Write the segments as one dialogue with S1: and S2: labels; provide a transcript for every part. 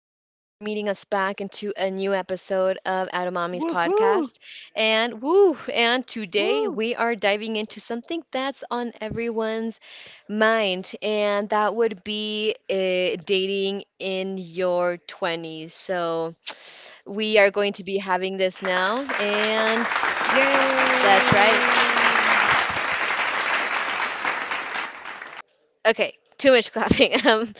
S1: meeting us back into a new episode of Atomami's
S2: Woohoo!
S1: podcast. And woo! And today
S2: Woo!
S1: we are diving into something that's on everyone's mind, and that would be dating in your 20s. So we are going to be having this now, and
S2: Yay!
S1: that's right. Okay, too much clapping.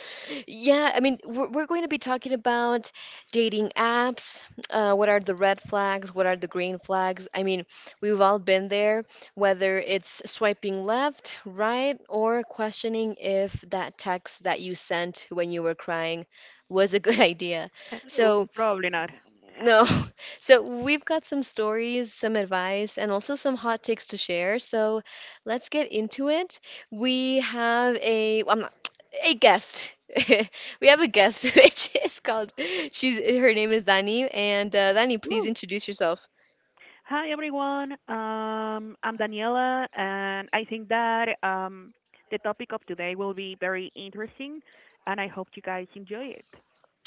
S1: Yeah, I mean, we're going to be talking about dating apps. What are the red flags? What are the green flags? I mean, we've all been there, whether it's swiping left, right, or questioning if that text that you sent when you were crying was a good idea. So,
S2: Oh, probably not.
S1: no. So we've got some stories, some advice, and also some hot takes to share. So let's get into it. We have a well, I'm not, a guest. We have a guest, which is called she's her name is Dani, and Dani, please
S2: Woo!
S1: introduce yourself.
S2: Hi, everyone. I'm Daniela, and I think that the topic of today will be very interesting, and I hope you guys enjoy it.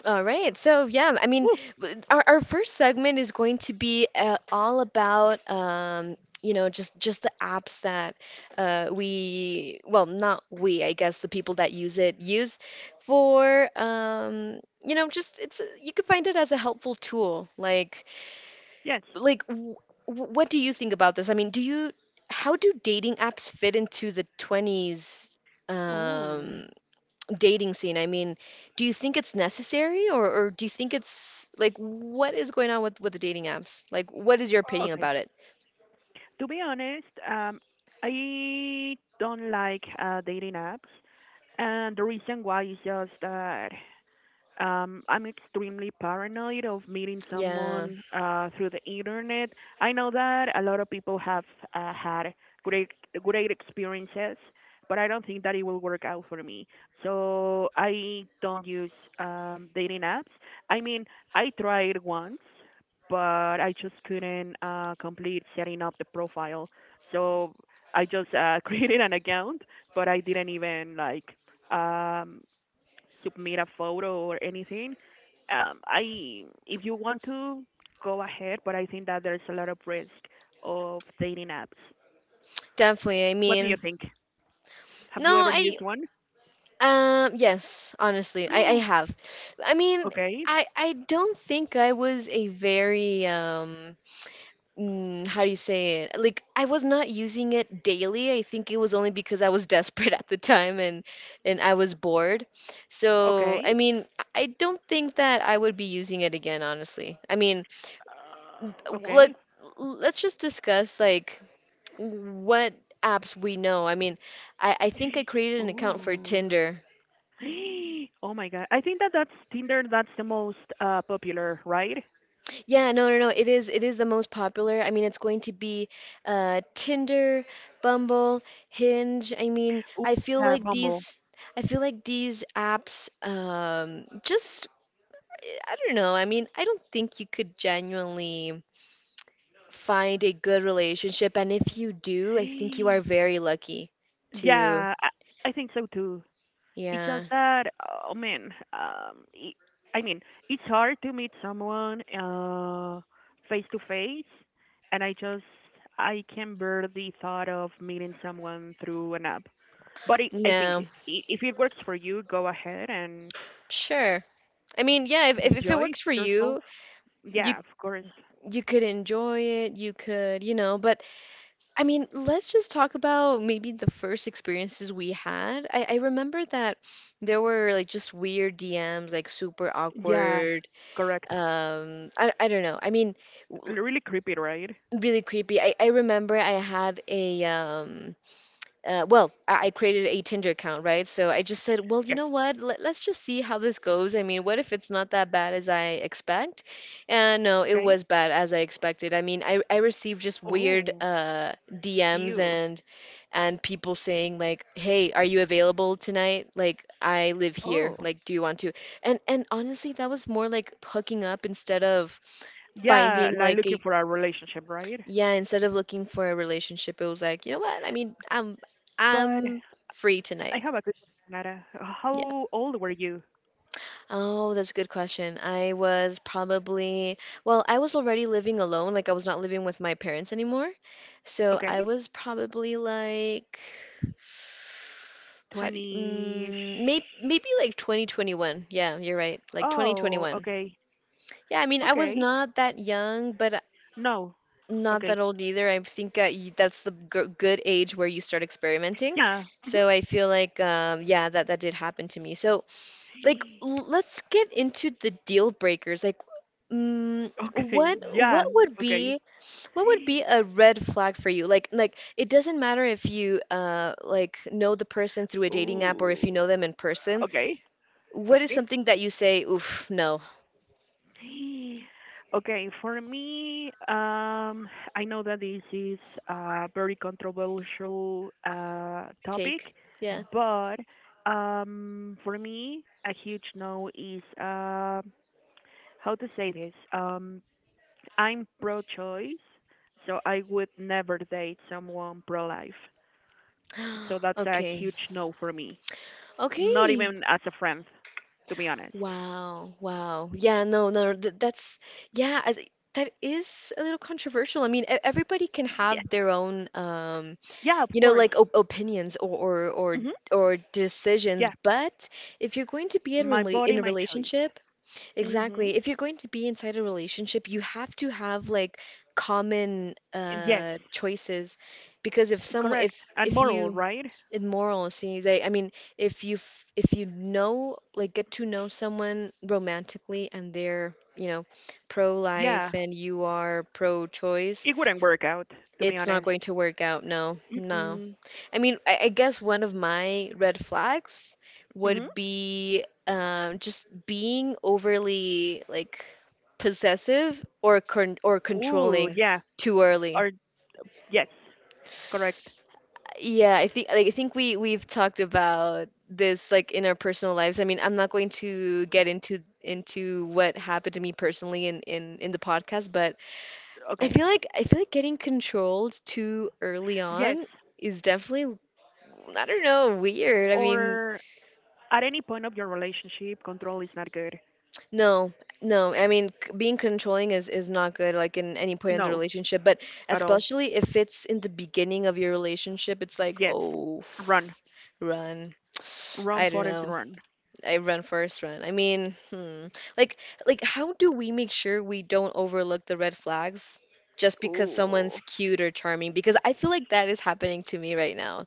S1: All right. So, yeah, I mean,
S2: Woo!
S1: our first segment is going to be all about you know, just the apps that well, not we, I guess the people that use it use for you know, just it's you could find it as a helpful tool. Like
S2: Yes.
S1: like w w- what do you think about this? I mean, do you how do dating apps fit into the 20s
S2: Ooh.
S1: um dating scene. I mean, do you think it's necessary or do you think it's like what is going on with the dating apps? Like what is your opinion
S2: Okay.
S1: about it?
S2: To be honest, I don't like dating apps, and the reason why is just that I'm extremely paranoid of meeting
S1: Yeah,
S2: someone through the internet. I know that a lot of people have had great great experiences, but I don't think that it will work out for me. So I don't use dating apps. I mean, I tried once, but I just couldn't complete setting up the profile. So I just created an account, but I didn't even like. Um, Submit a photo or anything. I, if you want to, go ahead, but I think that there's a lot of risk of dating apps.
S1: definitely. I
S2: What do you
S1: mean,
S2: think? Have you
S1: no,
S2: ever
S1: I
S2: used one?
S1: yes, honestly, I
S2: No.
S1: have. I mean,
S2: Okay.
S1: I don't think I was a very how do you say it? Like I was not using it daily. I think it was only because I was desperate at the time and I was bored. So, I
S2: Okay.
S1: mean, I don't think that I would be using it again, honestly. I mean,
S2: Okay.
S1: like let's just discuss like what apps we know. I mean, I think I created an account for
S2: Ooh.
S1: Tinder.
S2: Oh my God. I think that that's Tinder. That's the most popular, right?
S1: Yeah, No. It is the most popular. I mean, it's going to be Tinder, Bumble, Hinge. I mean,
S2: Ooh,
S1: I feel
S2: yeah,
S1: like
S2: Bumble.
S1: these I feel like these apps just I don't know. I mean, I don't think you could genuinely find a good relationship, and if you do, I think you are very lucky to
S2: Yeah, I think so too. It's just
S1: yeah.
S2: that, oh man, I mean, it's hard to meet someone face to face, and I can bear the thought of meeting someone through an app. But I think
S1: No,
S2: if it works for you, go ahead and
S1: sure. I mean, yeah, if it
S2: enjoy
S1: works for
S2: yourself.
S1: you, you
S2: Yeah, of course.
S1: you could enjoy it, you could, you know, but I mean, let's just talk about maybe the first experiences we had. I remember that there were like just weird DMs, like super
S2: Yeah,
S1: awkward.
S2: correct.
S1: I don't know. I mean, w-
S2: Really creepy, right?
S1: really creepy. I remember I had a well, I created a Tinder account, right? So I just said, well, you
S2: Yes.
S1: know what? Let's just see how this goes. I mean, what if it's not that bad as I expect? And no, it
S2: Okay.
S1: was bad as I expected. I mean, I received just weird
S2: Oh,
S1: DMs
S2: you.
S1: and people saying like, "Hey, are you available tonight? Like, I live here.
S2: Oh,
S1: Like, do you want to?" And honestly, that was more like hooking up instead of
S2: yeah,
S1: finding
S2: like
S1: like
S2: looking
S1: a
S2: for a relationship, right?
S1: yeah, instead of looking for a relationship, it was like, "You know what? I mean, I'm
S2: But
S1: I'm free
S2: I
S1: tonight."
S2: have a good question, Nara.
S1: Yeah.
S2: How old were you?
S1: Oh, that's a good question. I was probably, well, I was already living alone, like I was not living with my parents anymore. So I
S2: Okay.
S1: was probably like, how do you,
S2: 20.
S1: maybe maybe like 2021. Yeah, you're right. Like
S2: Oh,
S1: 2021.
S2: okay.
S1: Yeah, I mean, I was
S2: Okay.
S1: not that young, but
S2: No.
S1: not that
S2: Okay.
S1: old either. I think that's the g good age where you start experimenting.
S2: Yeah.
S1: So
S2: Mhm.
S1: I feel like, yeah, that did happen to me. So like let's get into the deal breakers. Like, mm, what
S2: Okay. Yeah.
S1: what would
S2: Okay.
S1: be what would be a red flag for you? Like it doesn't matter if you like know the person through a dating app or if you
S2: Ooh.
S1: know them in person.
S2: Okay.
S1: What is
S2: Okay.
S1: something that you say, oof, no,
S2: Okay. For me, I know that this is a very controversial topic,
S1: take? Yeah.
S2: but for me, a huge no is. How to say this? I'm pro-choice, so I would never date someone pro-life. So that's a
S1: Okay.
S2: huge no for me. Not
S1: Okay.
S2: even as a friend, to be honest.
S1: Wow. Wow. Yeah, no, no, th that's yeah, as, that is a little controversial. I mean, everybody can have
S2: Yes.
S1: their own
S2: Yeah, of
S1: you know,
S2: course.
S1: like op opinions or, or
S2: Hmm.
S1: or decisions.
S2: Yeah,
S1: But if you're going to be in
S2: my
S1: rela
S2: body,
S1: in a
S2: my choice.
S1: relationship,
S2: Hmm.
S1: exactly, if you're going to be inside a relationship, you have to have like common
S2: Yes,
S1: choices because if some
S2: correct. And
S1: if
S2: moral,
S1: you
S2: right?
S1: immoral see they I mean if you if you know like get to know someone romantically and they're you know
S2: Yeah,
S1: pro-life and you are pro-choice
S2: it wouldn't work out, to be
S1: it's not
S2: honest.
S1: going to work out no.
S2: Mm-mm.
S1: I mean, I guess one of my red flags
S2: Mm-hmm.
S1: would be just being overly like possessive or
S2: Ooh,
S1: controlling
S2: yeah.
S1: too
S2: Or
S1: early.
S2: yes, correct.
S1: Yeah, I think like, I think we've talked about this like in our personal lives. I mean, I'm not going to get into what happened to me personally in the podcast, but I
S2: Okay.
S1: feel like I feel like getting controlled too early
S2: Yes.
S1: on is definitely I don't know, weird. I mean,
S2: Or at any point of your relationship, control is not good.
S1: No, no. I mean, being controlling is not good, like in any point in the
S2: No,
S1: relationship, but
S2: at all.
S1: especially if it's in the beginning of your relationship, it's like,
S2: Yes.
S1: oh,
S2: Run.
S1: run.
S2: Run,
S1: I don't
S2: Forest,
S1: know.
S2: run.
S1: I run first, run. I mean, hmm. Like, like, how do we make sure we don't overlook the red flags just because
S2: Ooh.
S1: someone's cute or charming? Because I feel like that is happening to me right now.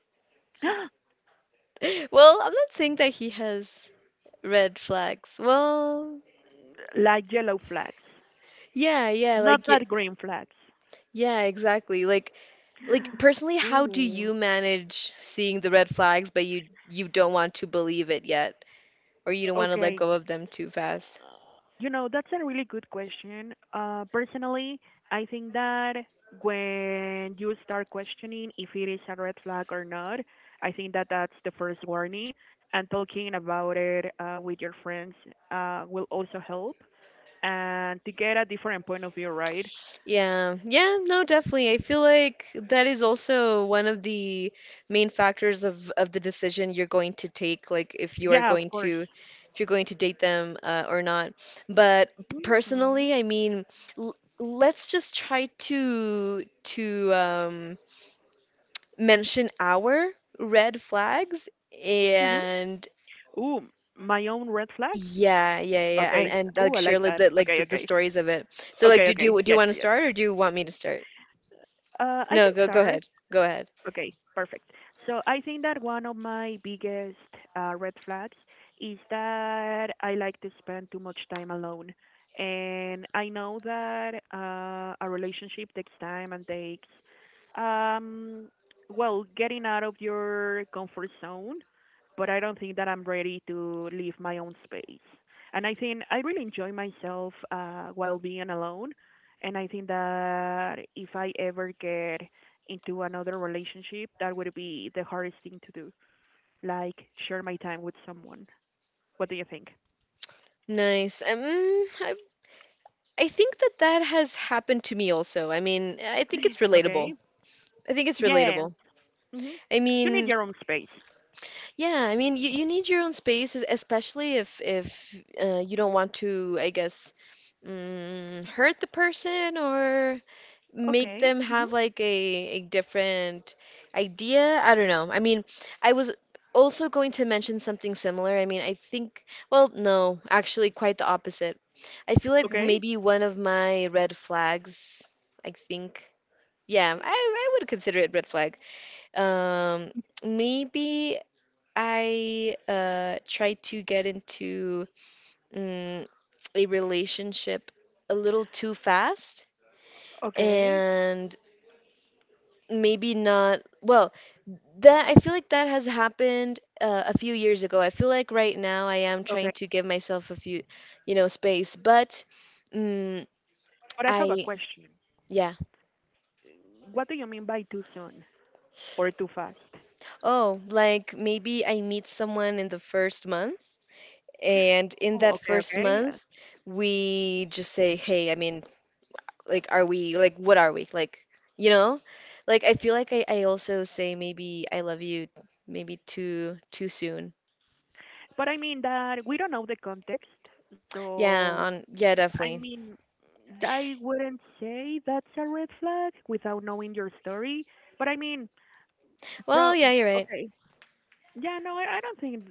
S1: Well, I'm not saying that he has red flags. Well,
S2: Like yellow flags,
S1: yeah,
S2: not
S1: like.
S2: that green flags.
S1: Yeah, exactly. Like personally, how do
S2: Ooh.
S1: you manage seeing the red flags but you don't want to believe it yet or you don't want to let
S2: Okay.
S1: go of them too fast?
S2: You know, that's a really good question. Personally, I think that when you start questioning if it is a red flag or not, I think that that's the first warning. And talking about it with your friends will also help, and to get a different point of view, right?
S1: Yeah. Yeah, no, definitely. I feel like that is also one of the main factors of the decision you're going to take, like if you are
S2: Yeah, of
S1: going
S2: course.
S1: to if you're going to date them or not. But
S2: Mm-hmm.
S1: personally, I mean, l let's just try to to um mention our red flags
S2: Hmm.
S1: and
S2: Ooh, my own red flags?
S1: yeah,
S2: Okay.
S1: and
S2: Ooh, I
S1: like
S2: like
S1: share like
S2: that. Okay,
S1: the
S2: okay.
S1: stories of it. So
S2: Okay,
S1: like,
S2: okay.
S1: do
S2: Yes,
S1: you want to
S2: yes.
S1: start or do you want me to start?
S2: I can
S1: No, go
S2: start.
S1: ahead, go ahead.
S2: Okay, perfect. So I think that one of my biggest red flags is that I like to spend too much time alone. And I know that a relationship takes time and takes, um, well, getting out of your comfort zone, but I don't think that I'm ready to leave my own space. And I think I really enjoy myself while being alone. And I think that if I ever get into another relationship, that would be the hardest thing to do. Like share my time with someone. What do you think?
S1: Nice. I think that that has happened to me also. I mean, I think it's relatable.
S2: Okay.
S1: I think it's
S2: Yeah.
S1: relatable.
S2: Hmm.
S1: I
S2: You need
S1: mean,
S2: your own space.
S1: yeah, I mean, you need your own space, especially if you don't want to, I guess, hurt the person or make
S2: Okay.
S1: them
S2: Hmm.
S1: have like a different idea. I don't know. I mean, I was also going to mention something similar. I mean, I think, well, no, actually, quite the opposite. I feel like
S2: Okay.
S1: maybe one of my red flags, I think, yeah, I would consider it red flag. Um, maybe I try to get into mm, a relationship a little too fast.
S2: Okay.
S1: And maybe not. Well, that I feel like that has happened a few years ago. I feel like right now I am
S2: Okay.
S1: trying to give myself a few, you know, space. But mm,
S2: But I have a
S1: I,
S2: question.
S1: yeah.
S2: What do you mean by too soon or too fast?
S1: Oh, like maybe I meet someone in the first month, and in
S2: Oh,
S1: that
S2: okay,
S1: first
S2: okay. Yeah.
S1: month, we just say, hey, I mean, like, are we, like, what are we? Like, you know? Like, I feel like I also say maybe I love you maybe too soon.
S2: But I mean that we don't know the context, so
S1: Yeah,
S2: I
S1: definitely.
S2: mean, I wouldn't say that's a red flag without knowing your story. But I mean, bro,
S1: Well, yeah, you're right.
S2: okay. Yeah, no, I don't think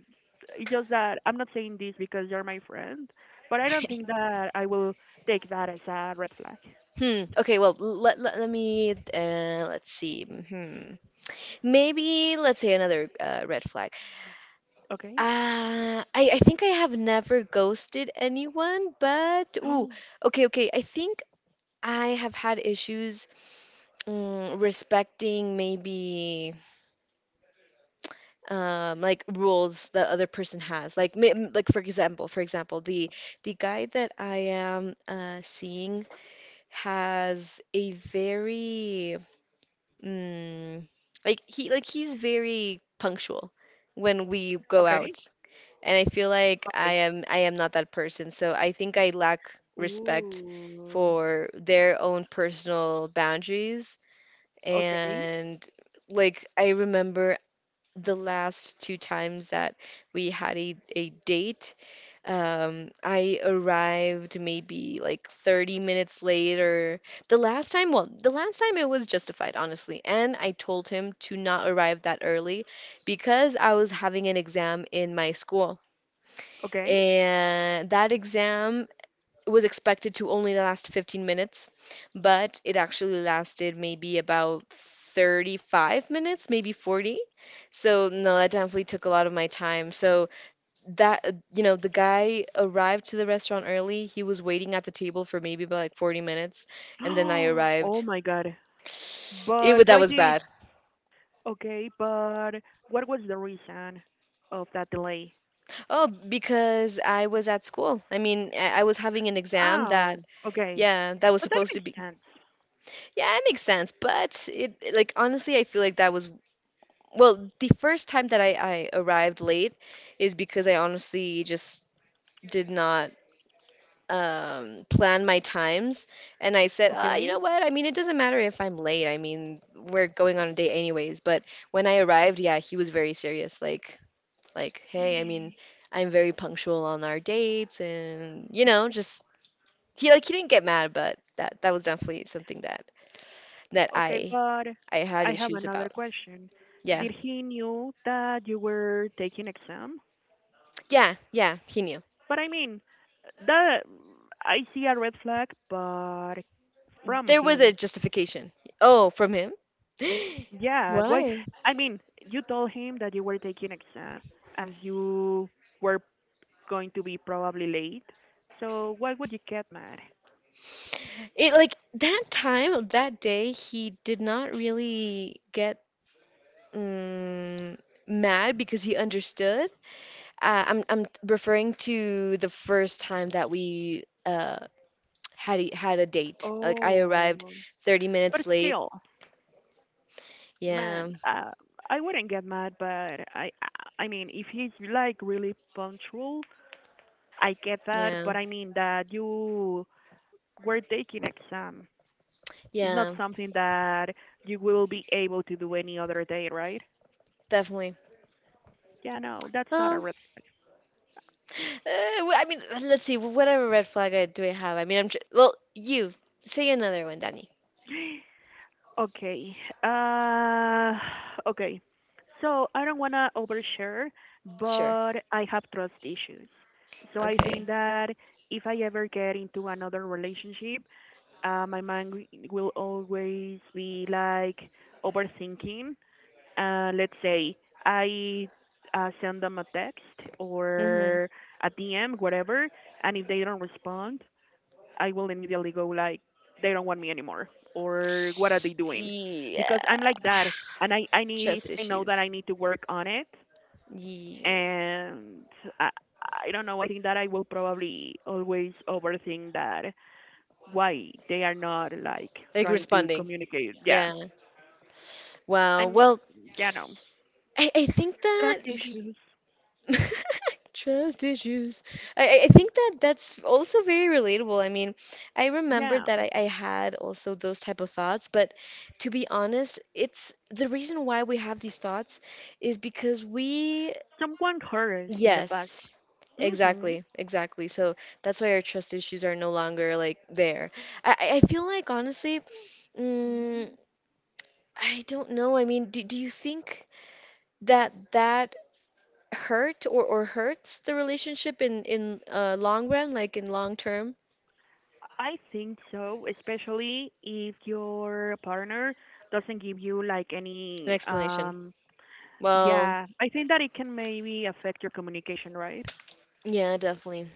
S2: it's just that I'm not saying this because you're my friend, but I don't think that I will take that as a red flag.
S1: Hmm. Okay, well, let me, let's see. Hmm. Maybe, let's say another red flag.
S2: Okay?
S1: I think I have never ghosted anyone, but, ooh,
S2: No.
S1: okay. I think I have had issues respecting maybe like rules the other person has. Like, like for example, the guy that I am seeing has a very Mm, like he's very punctual when we go
S2: okay.
S1: out. And I feel like
S2: Okay.
S1: I am not that person. So I think I lack respect
S2: Ooh.
S1: for their own personal boundaries.
S2: Okay.
S1: And like I remember the last two times that we had a date I arrived maybe like 30 minutes later. The last time, well, the last time it was justified, honestly. And I told him to not arrive that early because I was having an exam in my school.
S2: Okay.
S1: And that exam was expected to only last 15 minutes, but it actually lasted maybe about 35 minutes, maybe 40. So, no, that definitely took a lot of my time. So, that you know the guy arrived to the restaurant early. He was waiting at the table for maybe about, like, 40 minutes, and then I
S2: Oh
S1: arrived.
S2: my God. But
S1: That
S2: why
S1: was
S2: did?
S1: bad.
S2: Okay, but what was the reason of that delay?
S1: Oh, because I was at school. I mean, I was having an exam that
S2: Oh, okay.
S1: yeah, that was
S2: But that
S1: supposed to
S2: makes
S1: be.
S2: sense.
S1: Yeah, it makes sense, but it like honestly, I feel like that was well, the first time that I arrived late is because I honestly just did not plan my times. And I said, ah, you know
S2: Okay.
S1: what? I mean, it doesn't matter if I'm late. I mean, we're going on a date anyways. But when I arrived, yeah, he was very serious. Like, hey, I mean, I'm very punctual on our dates, and you know, just he didn't get mad, but that was definitely something that that
S2: Okay, but
S1: I had
S2: I have
S1: issues
S2: another
S1: about.
S2: question.
S1: Yeah,
S2: Did he knew that you were taking exam?
S1: yeah, yeah. He knew
S2: But I mean, that I see a red flag, but from
S1: there was a
S2: him,
S1: justification. Oh, from him?
S2: yeah. Why?
S1: Why?
S2: I mean, you told him that you were taking exam and you were going to be probably late. So why would you get mad?
S1: It like that time, that day, he did not really get mm, mad because he understood. I'm referring to the first time that we had a date. Like I arrived
S2: Oh,
S1: 30
S2: but
S1: minutes late.
S2: still. Man,
S1: Yeah,
S2: I wouldn't get mad, but I, I mean, if he's like really punctual, I get that.
S1: yeah,
S2: But I mean that you were taking exam. It's not
S1: yeah,
S2: something that you will be able to do any other day, right?
S1: definitely.
S2: Yeah, no, that's not a
S1: Well,
S2: red
S1: I mean, let's see. Whatever red flag do I have? I mean, I'm tr well. You say another one, Danny.
S2: flag. Okay. Uh, okay. So I don't wanna overshare,
S1: Sure.
S2: but I have trust issues. So I think
S1: Okay.
S2: that if I ever get into another relationship, my mind will always be like overthinking. Let's say I send them a text
S1: Mm-hmm.
S2: or a DM, whatever, and if they don't respond, I will immediately go like, they don't want me anymore, or what are they doing?
S1: Yeah.
S2: Because I'm like that, and I, I need
S1: Trust
S2: I know
S1: issues.
S2: that I need to work on it,
S1: Yeah.
S2: and I, I don't know. I think that I will probably always overthink that why they are not like
S1: Like
S2: trying to
S1: responding.
S2: communicate. Yeah,
S1: Yeah. Wow.
S2: I'm,
S1: Well,
S2: yeah, no,
S1: I think that
S2: trust
S1: y-
S2: issues.
S1: trust issues. I think that that's also very relatable. I mean, I remember
S2: Yeah,
S1: that I had also those type of thoughts, but to be honest, it's the reason why we have these thoughts is because we
S2: someone hurt us in the past.
S1: yes,
S2: Mhm.
S1: exactly, exactly. So that's why our trust issues are no longer like there. I feel like honestly, mm, I don't know. I mean, do you think that hurt or hurts the relationship in long run, like in long term?
S2: I think so, especially if your partner doesn't give you like
S1: An
S2: any
S1: explanation. Well,
S2: yeah, I think that it can maybe affect your communication, right?
S1: yeah, definitely.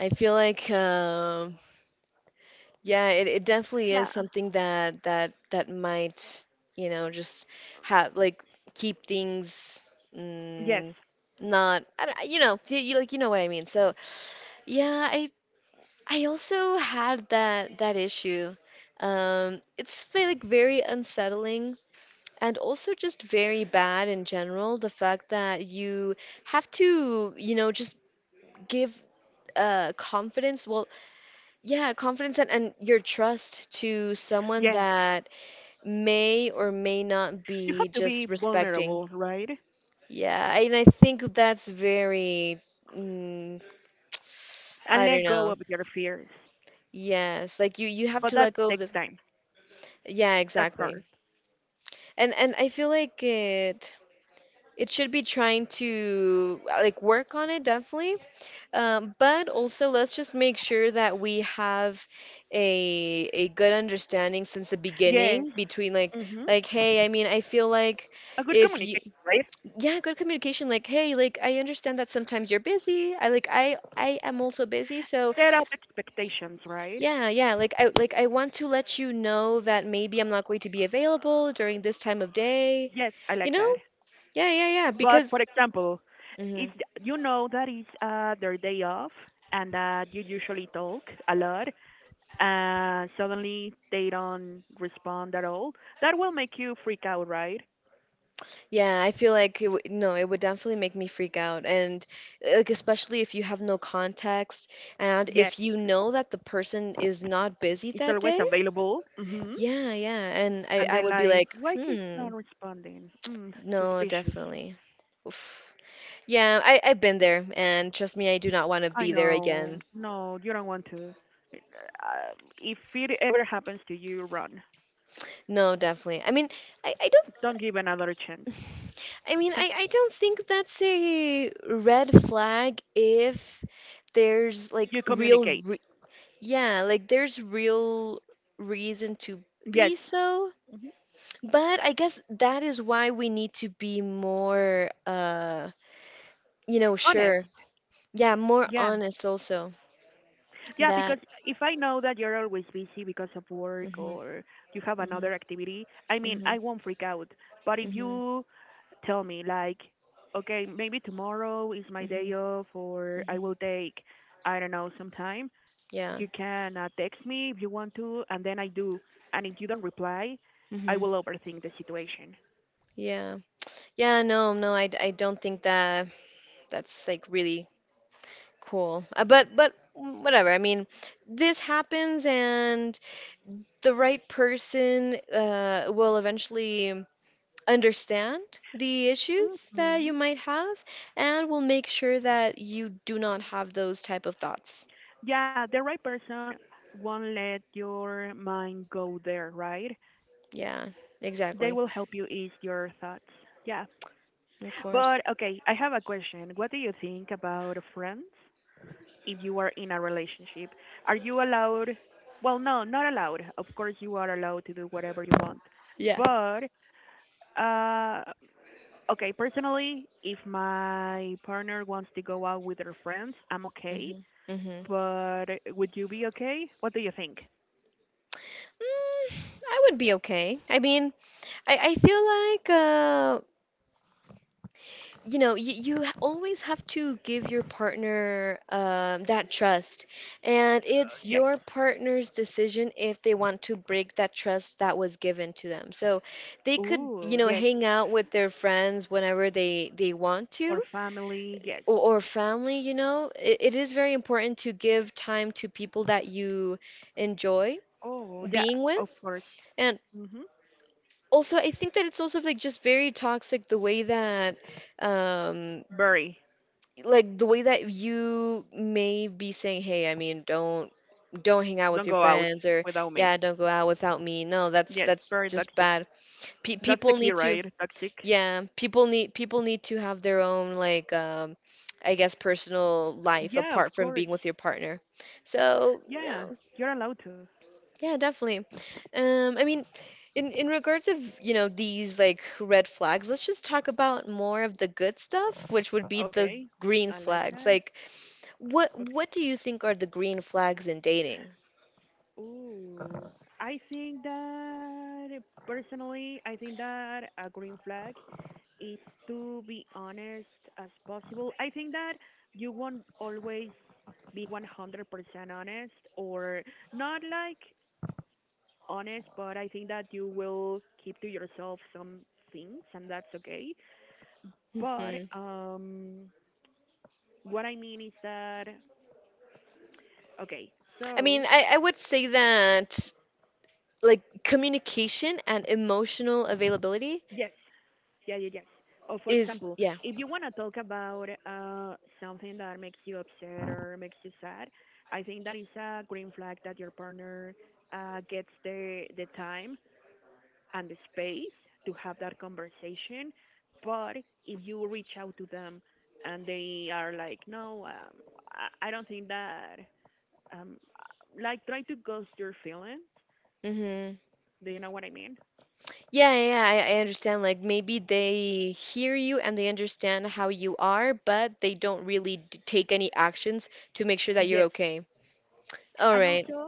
S1: I feel like yeah, it definitely is
S2: Yeah.
S1: something that that might, you know, just have like keep things
S2: Yes.
S1: mm, not I don't, you know, you like you know what I mean. So, yeah, I also had that issue. It's like very unsettling and also just very bad in general, the fact that you have to, you know, just give confidence, well, yeah, confidence and your trust to someone
S2: Yes.
S1: that may or may not
S2: You
S1: be
S2: have to be
S1: just respecting.
S2: vulnerable, right?
S1: Yeah, and I think that's very, mm,
S2: And
S1: I don't
S2: let go
S1: know.
S2: of your fears.
S1: Yes, like you have
S2: But
S1: to
S2: that
S1: let go of
S2: takes
S1: the.
S2: time.
S1: Yeah,
S2: That's
S1: exactly.
S2: hard.
S1: And I feel like it should be trying to like work on it definitely. But also let's just make sure that we have a good understanding since the beginning
S2: Yes.
S1: between
S2: Mhm.
S1: like hey, I mean, I feel like
S2: A good
S1: if you
S2: communication, right?
S1: yeah good communication like hey like I understand that sometimes you're busy I like I am also busy so
S2: Set up expectations, right?
S1: yeah yeah like I want to let you know that maybe I'm not going to be available during this time of day
S2: Yes, I
S1: you
S2: like
S1: know
S2: that.
S1: yeah yeah yeah
S2: But
S1: because
S2: for example, if
S1: hmm
S2: you know that it's their day off and that you usually talk a lot, and suddenly they don't respond at all, that will make you freak out, right?
S1: yeah I feel like no it would definitely make me freak out and like especially if you have no context and
S2: Yes,
S1: if you know that the person is not busy
S2: it's
S1: that
S2: always
S1: day
S2: available. Hmm.
S1: yeah yeah and
S2: And
S1: I
S2: then
S1: would be
S2: like,
S1: like
S2: why he's not
S1: hmm
S2: responding? Mm,
S1: no
S2: suspicious.
S1: definitely. Oof. Yeah, I've been there, and trust me, I do not want to
S2: I
S1: be there
S2: know.
S1: again.
S2: No, you don't want to. uh, if it ever happens to you, run.
S1: No, definitely. I mean, I don't.
S2: Don't give another chance.
S1: I mean, I don't think that's a red flag if there's like
S2: You
S1: real,
S2: communicate.
S1: re yeah, like there's real reason to be
S2: Yes.
S1: so. But I guess that is why we need to be more, you know,
S2: Honest.
S1: sure. Yeah, more
S2: Yeah.
S1: honest also.
S2: Yeah, because
S1: That.
S2: if I know that you're always busy because of work
S1: Hmm
S2: or you have another
S1: hmm
S2: activity, I mean, I
S1: hmm
S2: won't freak out. But if
S1: hmm
S2: you tell me, like, okay, maybe tomorrow is my day
S1: hmm
S2: off or I
S1: hmm
S2: will take, I don't know, some time, you
S1: Yeah.
S2: can text me if you want to, and then I do. And if you don't reply, I
S1: hmm
S2: will overthink the situation.
S1: Yeah. Yeah, no, no, I don't think that that's like really cool. Whatever. I mean, this happens and the right person will eventually understand the issues that you
S2: Mhm.
S1: might have and will make sure that you do not have those type of thoughts.
S2: Yeah, the right person won't let your mind go there, right?
S1: Yeah,
S2: They will
S1: exactly.
S2: help you ease your thoughts. Yeah.
S1: Of
S2: But
S1: course.
S2: okay, I have a question. What do you think about friends if you are in a relationship? Are you allowed? Well, no, not allowed. Of course, you are allowed to do whatever you want.
S1: Yeah.
S2: But, uh, okay, personally, if my partner wants to go out with her friends, I'm okay.
S1: hmm hmm
S2: But would you be okay? What do you think?
S1: Mm, I would be okay. I mean, I feel like you know, you always have to give your partner that trust. And it's
S2: Yes.
S1: your partner's decision if they want to break that trust that was given to them. So they could,
S2: Ooh,
S1: you know,
S2: yes.
S1: hang out with their friends whenever they want to
S2: Or family, yes.
S1: or family, you know. It is very important to give time to people that you enjoy
S2: Oh, yeah,
S1: being
S2: of
S1: with.
S2: course.
S1: And
S2: Mm-hmm.
S1: also, I think that it's also like just very toxic the way that um,
S2: Very.
S1: like the way that you may be saying, "Hey, I mean, don't hang out
S2: Don't
S1: with your
S2: go out
S1: friends," or
S2: without me.
S1: "Yeah, don't go out without me." No, that's
S2: Yes, very
S1: just
S2: toxic.
S1: bad. Pe
S2: That's the
S1: people
S2: key,
S1: need to,
S2: right? Toxic.
S1: yeah, people need to have their own like I guess personal life
S2: Yeah, of
S1: apart from
S2: course.
S1: being with your partner. So,
S2: Yeah,
S1: no,
S2: you're allowed to.
S1: yeah, definitely. I mean, in regards of, you know, these like red flags, let's just talk about more of the good stuff, which would be the
S2: Okay,
S1: green
S2: I like
S1: flags.
S2: that.
S1: Like,
S2: Okay.
S1: what do you think are the green flags in dating?
S2: Ooh, I think that personally, I think that a green flag is to be honest as possible. I think that you won't always be 100% honest or not like honest, but I think that you will keep to yourself some things and that's okay. But
S1: Hmm
S2: what I mean is that okay,
S1: I
S2: so
S1: mean, I would say that like communication and emotional availability
S2: yes. Yeah, yeah, yes. Or for
S1: is,
S2: example,
S1: yeah.
S2: if you want to talk about something that makes you upset or makes you sad, I think that is a green flag that your partner gets the time and the space to have that conversation. But if you reach out to them and they are like, no, I don't think that, um, like, try to ghost your feelings.
S1: Mm-hmm.
S2: Do you know what I mean?
S1: Yeah, yeah, yeah, I understand. Like maybe they hear you and they understand how you are, but they don't really d take any actions to make sure that
S2: Yes.
S1: you're okay. All
S2: And
S1: right.
S2: also,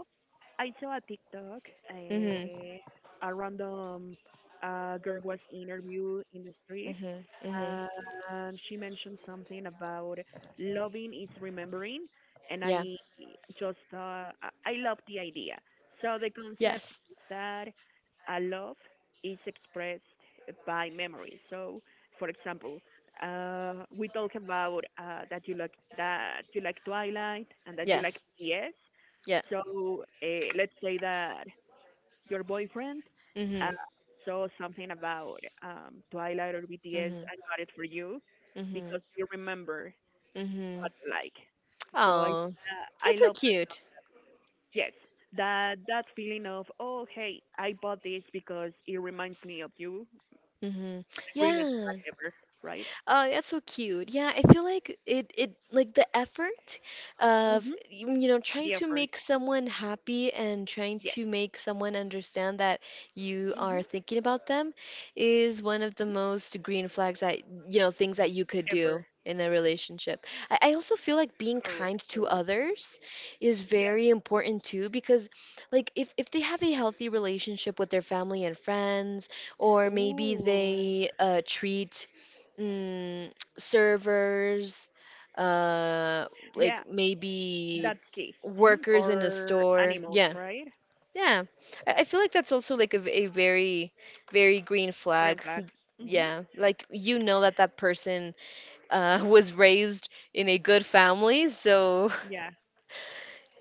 S2: I saw a TikTok.
S1: Mm-hmm.
S2: Uh, a random girl was interviewed in the street,
S1: Mm-hmm. Mm-hmm.
S2: she mentioned something about loving is remembering, and
S1: Yeah.
S2: I just I love the idea. So the concept
S1: Yes.
S2: is that a love is expressed by memory. So, for example, we talk about that you like Twilight and that you like
S1: Yes.
S2: BTS.
S1: Yeah.
S2: So let's say that your boyfriend uh,
S1: Mm-hmm.
S2: saw something about Twilight or BTS
S1: Mm-hmm.
S2: and got it for you because
S1: Mm-hmm.
S2: you remember
S1: Mm-hmm.
S2: what you like. So I think
S1: Oh,
S2: that I
S1: that's so
S2: love that.
S1: cute.
S2: Yes, that feeling of oh hey I bought this because it reminds me of you, the
S1: Mm-hmm.
S2: greenest flag
S1: Yeah.
S2: ever, right?
S1: Oh, that's so cute. Yeah, I feel like it like the effort of
S2: Mhm.
S1: you know trying
S2: The
S1: to
S2: effort.
S1: make someone happy and trying
S2: Yes.
S1: to make someone understand that you
S2: Mhm.
S1: are thinking about them is one of the most green flags that you know things that you could
S2: Ever.
S1: do in a relationship. I also feel like being
S2: Correct.
S1: kind to
S2: So,
S1: others is
S2: yes.
S1: very important too because like if they have a healthy relationship with their family and friends or maybe
S2: Ooh.
S1: they treat mm, servers, uh,
S2: Yeah,
S1: like maybe
S2: that's key. Hmm.
S1: workers in a
S2: Or
S1: store.
S2: animals,
S1: Yeah,
S2: right?
S1: yeah. I feel like that's also like a very, very green
S2: Green
S1: flag.
S2: flags. Mm-hmm.
S1: Yeah, like you know that that person was raised in a good family, so.
S2: Yeah,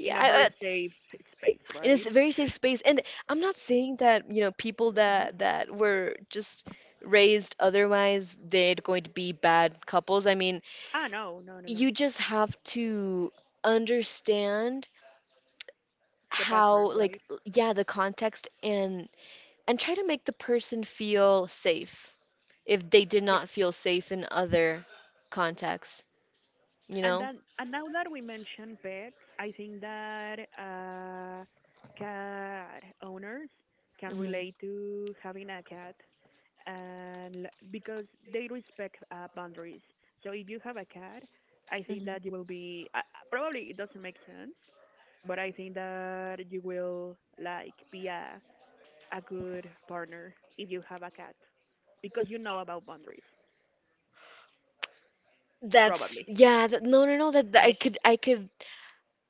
S2: in a very safe space,
S1: it
S2: right?
S1: is a very safe space, and I'm not saying that you know people
S2: Hmm.
S1: that were just raised otherwise they're going to be bad couples. I mean,
S2: Ah, no, no, no, no.
S1: you just have to understand
S2: The background,
S1: how
S2: right?
S1: like yeah the context and try to make the person feel safe if they did
S2: Yeah.
S1: not feel safe in other contexts you
S2: And
S1: know
S2: then, and now that we mentioned pets, I think that cat owners can
S1: hmm
S2: relate to having a cat, and because they respect boundaries. So if you have a cat, I think
S1: hmm
S2: that you will be probably it doesn't make sense, but I think that you will like be a good partner if you have a cat because you know about boundaries, probably.
S1: that's yeah that, no, that,
S2: Make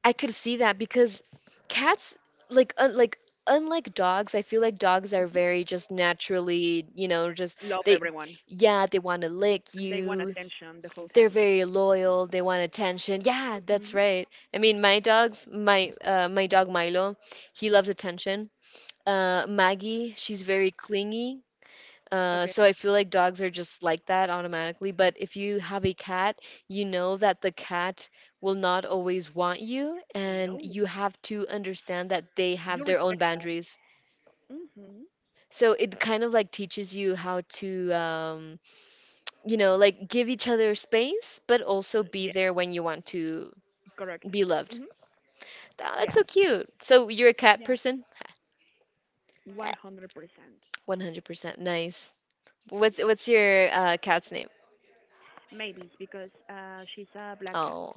S1: I could see that because cats like unlike dogs I feel like dogs are very just naturally you know just
S2: love
S1: they
S2: everyone
S1: yeah they want to lick
S2: and they want
S1: you.
S2: attention the whole time.
S1: They're very loyal. They want attention. Yeah,
S2: Hmm.
S1: that's right. I mean, my my dog Milo, he loves attention. Maggie, she's very clingy.
S2: Okay.
S1: So I feel like dogs are just like that automatically. But if you have a cat, you know that the cat will not always want you, and
S2: No,
S1: you have to understand that they
S2: you
S1: have their
S2: respect
S1: own
S2: that.
S1: boundaries.
S2: Hmm.
S1: So it kind of like teaches you how to, you know, like give each other space, but also be
S2: Yes,
S1: there when you want to
S2: correct.
S1: be
S2: Hmm.
S1: loved. Oh,
S2: Yeah,
S1: that's so cute. So you're a cat
S2: yeah,
S1: person?
S2: 100%.
S1: 100%. Nice. What's your cat's name?
S2: Maybe it's because she's a black cat.
S1: Oh,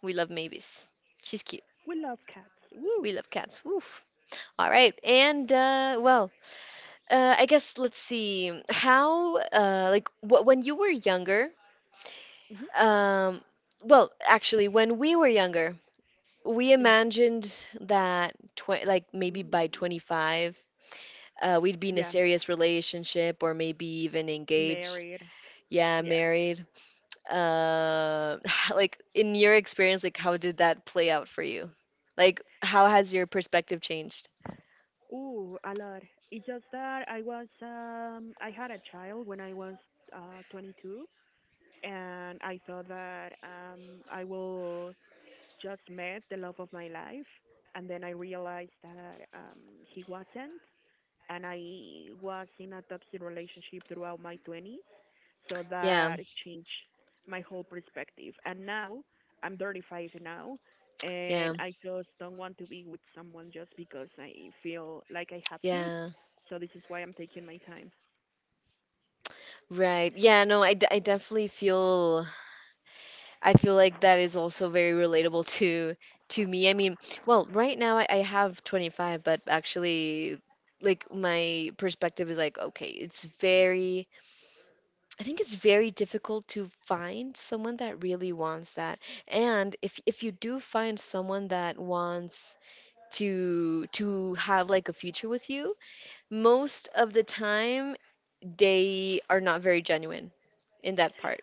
S1: we love Mavis. She's cute.
S2: We love cats. Woo!
S1: We love cats. Woof. All right. And well, I guess let's see how like wh when you were younger,
S2: Hmm.
S1: um, well, actually, when we were younger, we
S2: Hmm.
S1: imagined that tw like maybe by 25, we'd be in
S2: Yeah,
S1: a serious relationship or maybe even engaged.
S2: married.
S1: Yeah,
S2: Yeah.
S1: married. Uh, like in your experience, like how did that play out for you? Like how has your perspective changed?
S2: Ooh, a lot. It's just that I had a child when I was 22 and I thought that I will just met the love of my life and then I realized that he wasn't and I was in a toxic relationship throughout my 20s. So that
S1: Yeah,
S2: changed my whole perspective. And now I'm 35 now, and
S1: yeah,
S2: I just don't want to be with someone just because I feel like I have to.
S1: yeah.
S2: So this is why I'm taking my time.
S1: Right. Yeah, no, I definitely feel I feel like that is also very relatable to me. I mean, well, right now I have 25, but actually like my perspective is like okay, it's very I think it's very difficult to find someone that really wants that. And if you do find someone that wants to have like a future with you, most of the time they are not very genuine in that part.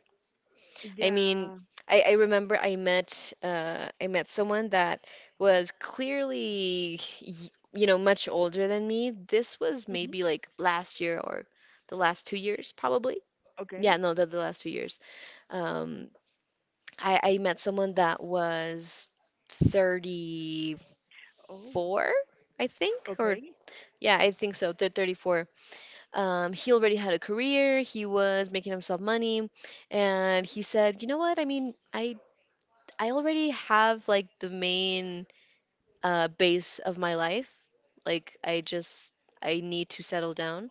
S1: I
S2: Yeah.
S1: mean, I remember I met someone that was clearly you know much older than me. This was
S2: Hmm.
S1: maybe like last year or the last 2 years probably.
S2: Okay.
S1: Yeah, no, the last few years. Um, I met someone that was 34,
S2: Oh.
S1: I think,
S2: Okay.
S1: or yeah, I think so, thir 34. He already had a career, he was making himself money,
S2: Okay.
S1: and he said, "You know what? I mean, I already have like the main base of my life. Like I just I need to settle down,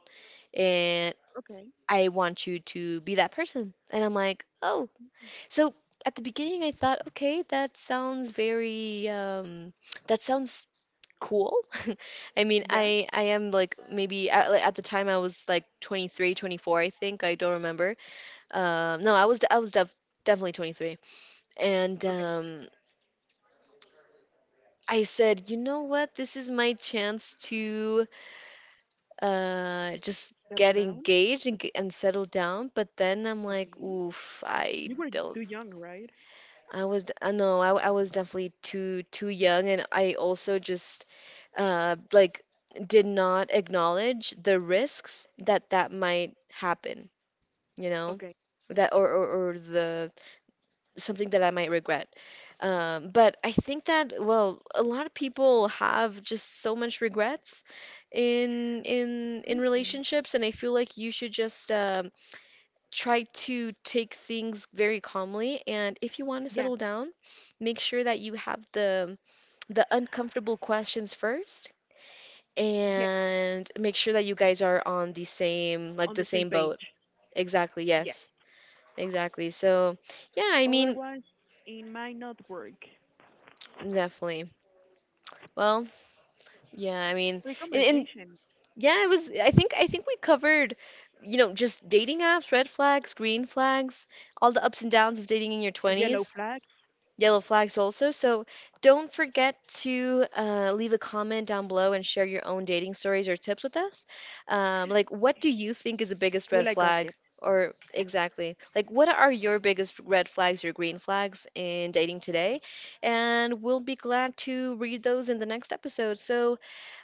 S1: and
S2: Okay.
S1: I want you to be that person." And I'm like, "Oh, so at the beginning, I thought, okay, that sounds very, that sounds cool." I mean,
S2: Yeah.
S1: I am like maybe at, like, at the time I was like 23, 24, I think. I don't remember. No, I was def definitely 23. And
S2: Okay.
S1: I said, you know what? This is my chance to just
S2: Settle
S1: get
S2: down.
S1: engaged and, and settle down. But then I'm like,
S2: Okay.
S1: oof,
S2: You
S1: I
S2: were too
S1: don't
S2: young, right?
S1: I was d- no, I was definitely too young, and I also just like did not acknowledge the risks that that might happen, you
S2: Okay.
S1: know, that or the something that I might regret. But I think that well, a lot of people have just so much regrets in
S2: Hmm.
S1: relationships, and I feel like you should just try to take things very calmly and if you want to
S2: Yeah.
S1: settle down, make sure that you have the uncomfortable questions first
S2: Yeah.
S1: and make sure that you guys are on the same
S2: On the
S1: like the
S2: same
S1: same
S2: page.
S1: boat. Exactly,
S2: Yes.
S1: yes. Exactly. So, yeah, I mean,
S2: Otherwise, it might not work.
S1: definitely. Well, yeah, I
S2: Free
S1: mean, and
S2: conversation.
S1: yeah, it was I think we covered you know, just dating apps, red flags, green flags, all the ups and downs of dating in your
S2: Yellow
S1: 20s.
S2: flags.
S1: Yellow flags also. So don't forget to leave a comment down below and share your own dating stories or tips with us. Like, what do you think is the biggest
S2: Will I
S1: red
S2: gossip?
S1: flag? Or exactly, like, what are your biggest red flags or green flags in dating today? And we'll be glad to read those in the next episode. So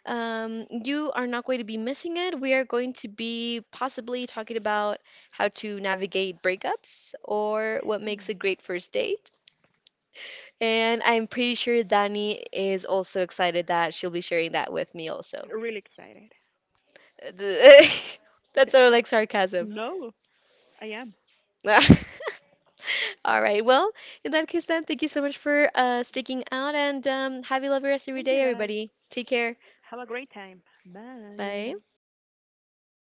S1: you are not going to be missing it. We are going to be possibly talking about how to navigate breakups or what makes
S2: Hmm.
S1: a great first date and I'm pretty sure Dani is also excited that she'll be sharing that with me also.
S2: Really excited.
S1: The- That's sort of like sarcasm.
S2: No, I am.
S1: All right. Well, in that case, then, thank you so much for sticking out and have a lovely rest of
S2: Thank
S1: your
S2: you
S1: day,
S2: guys.
S1: everybody. Take care.
S2: Have a great time. Bye.
S1: Bye.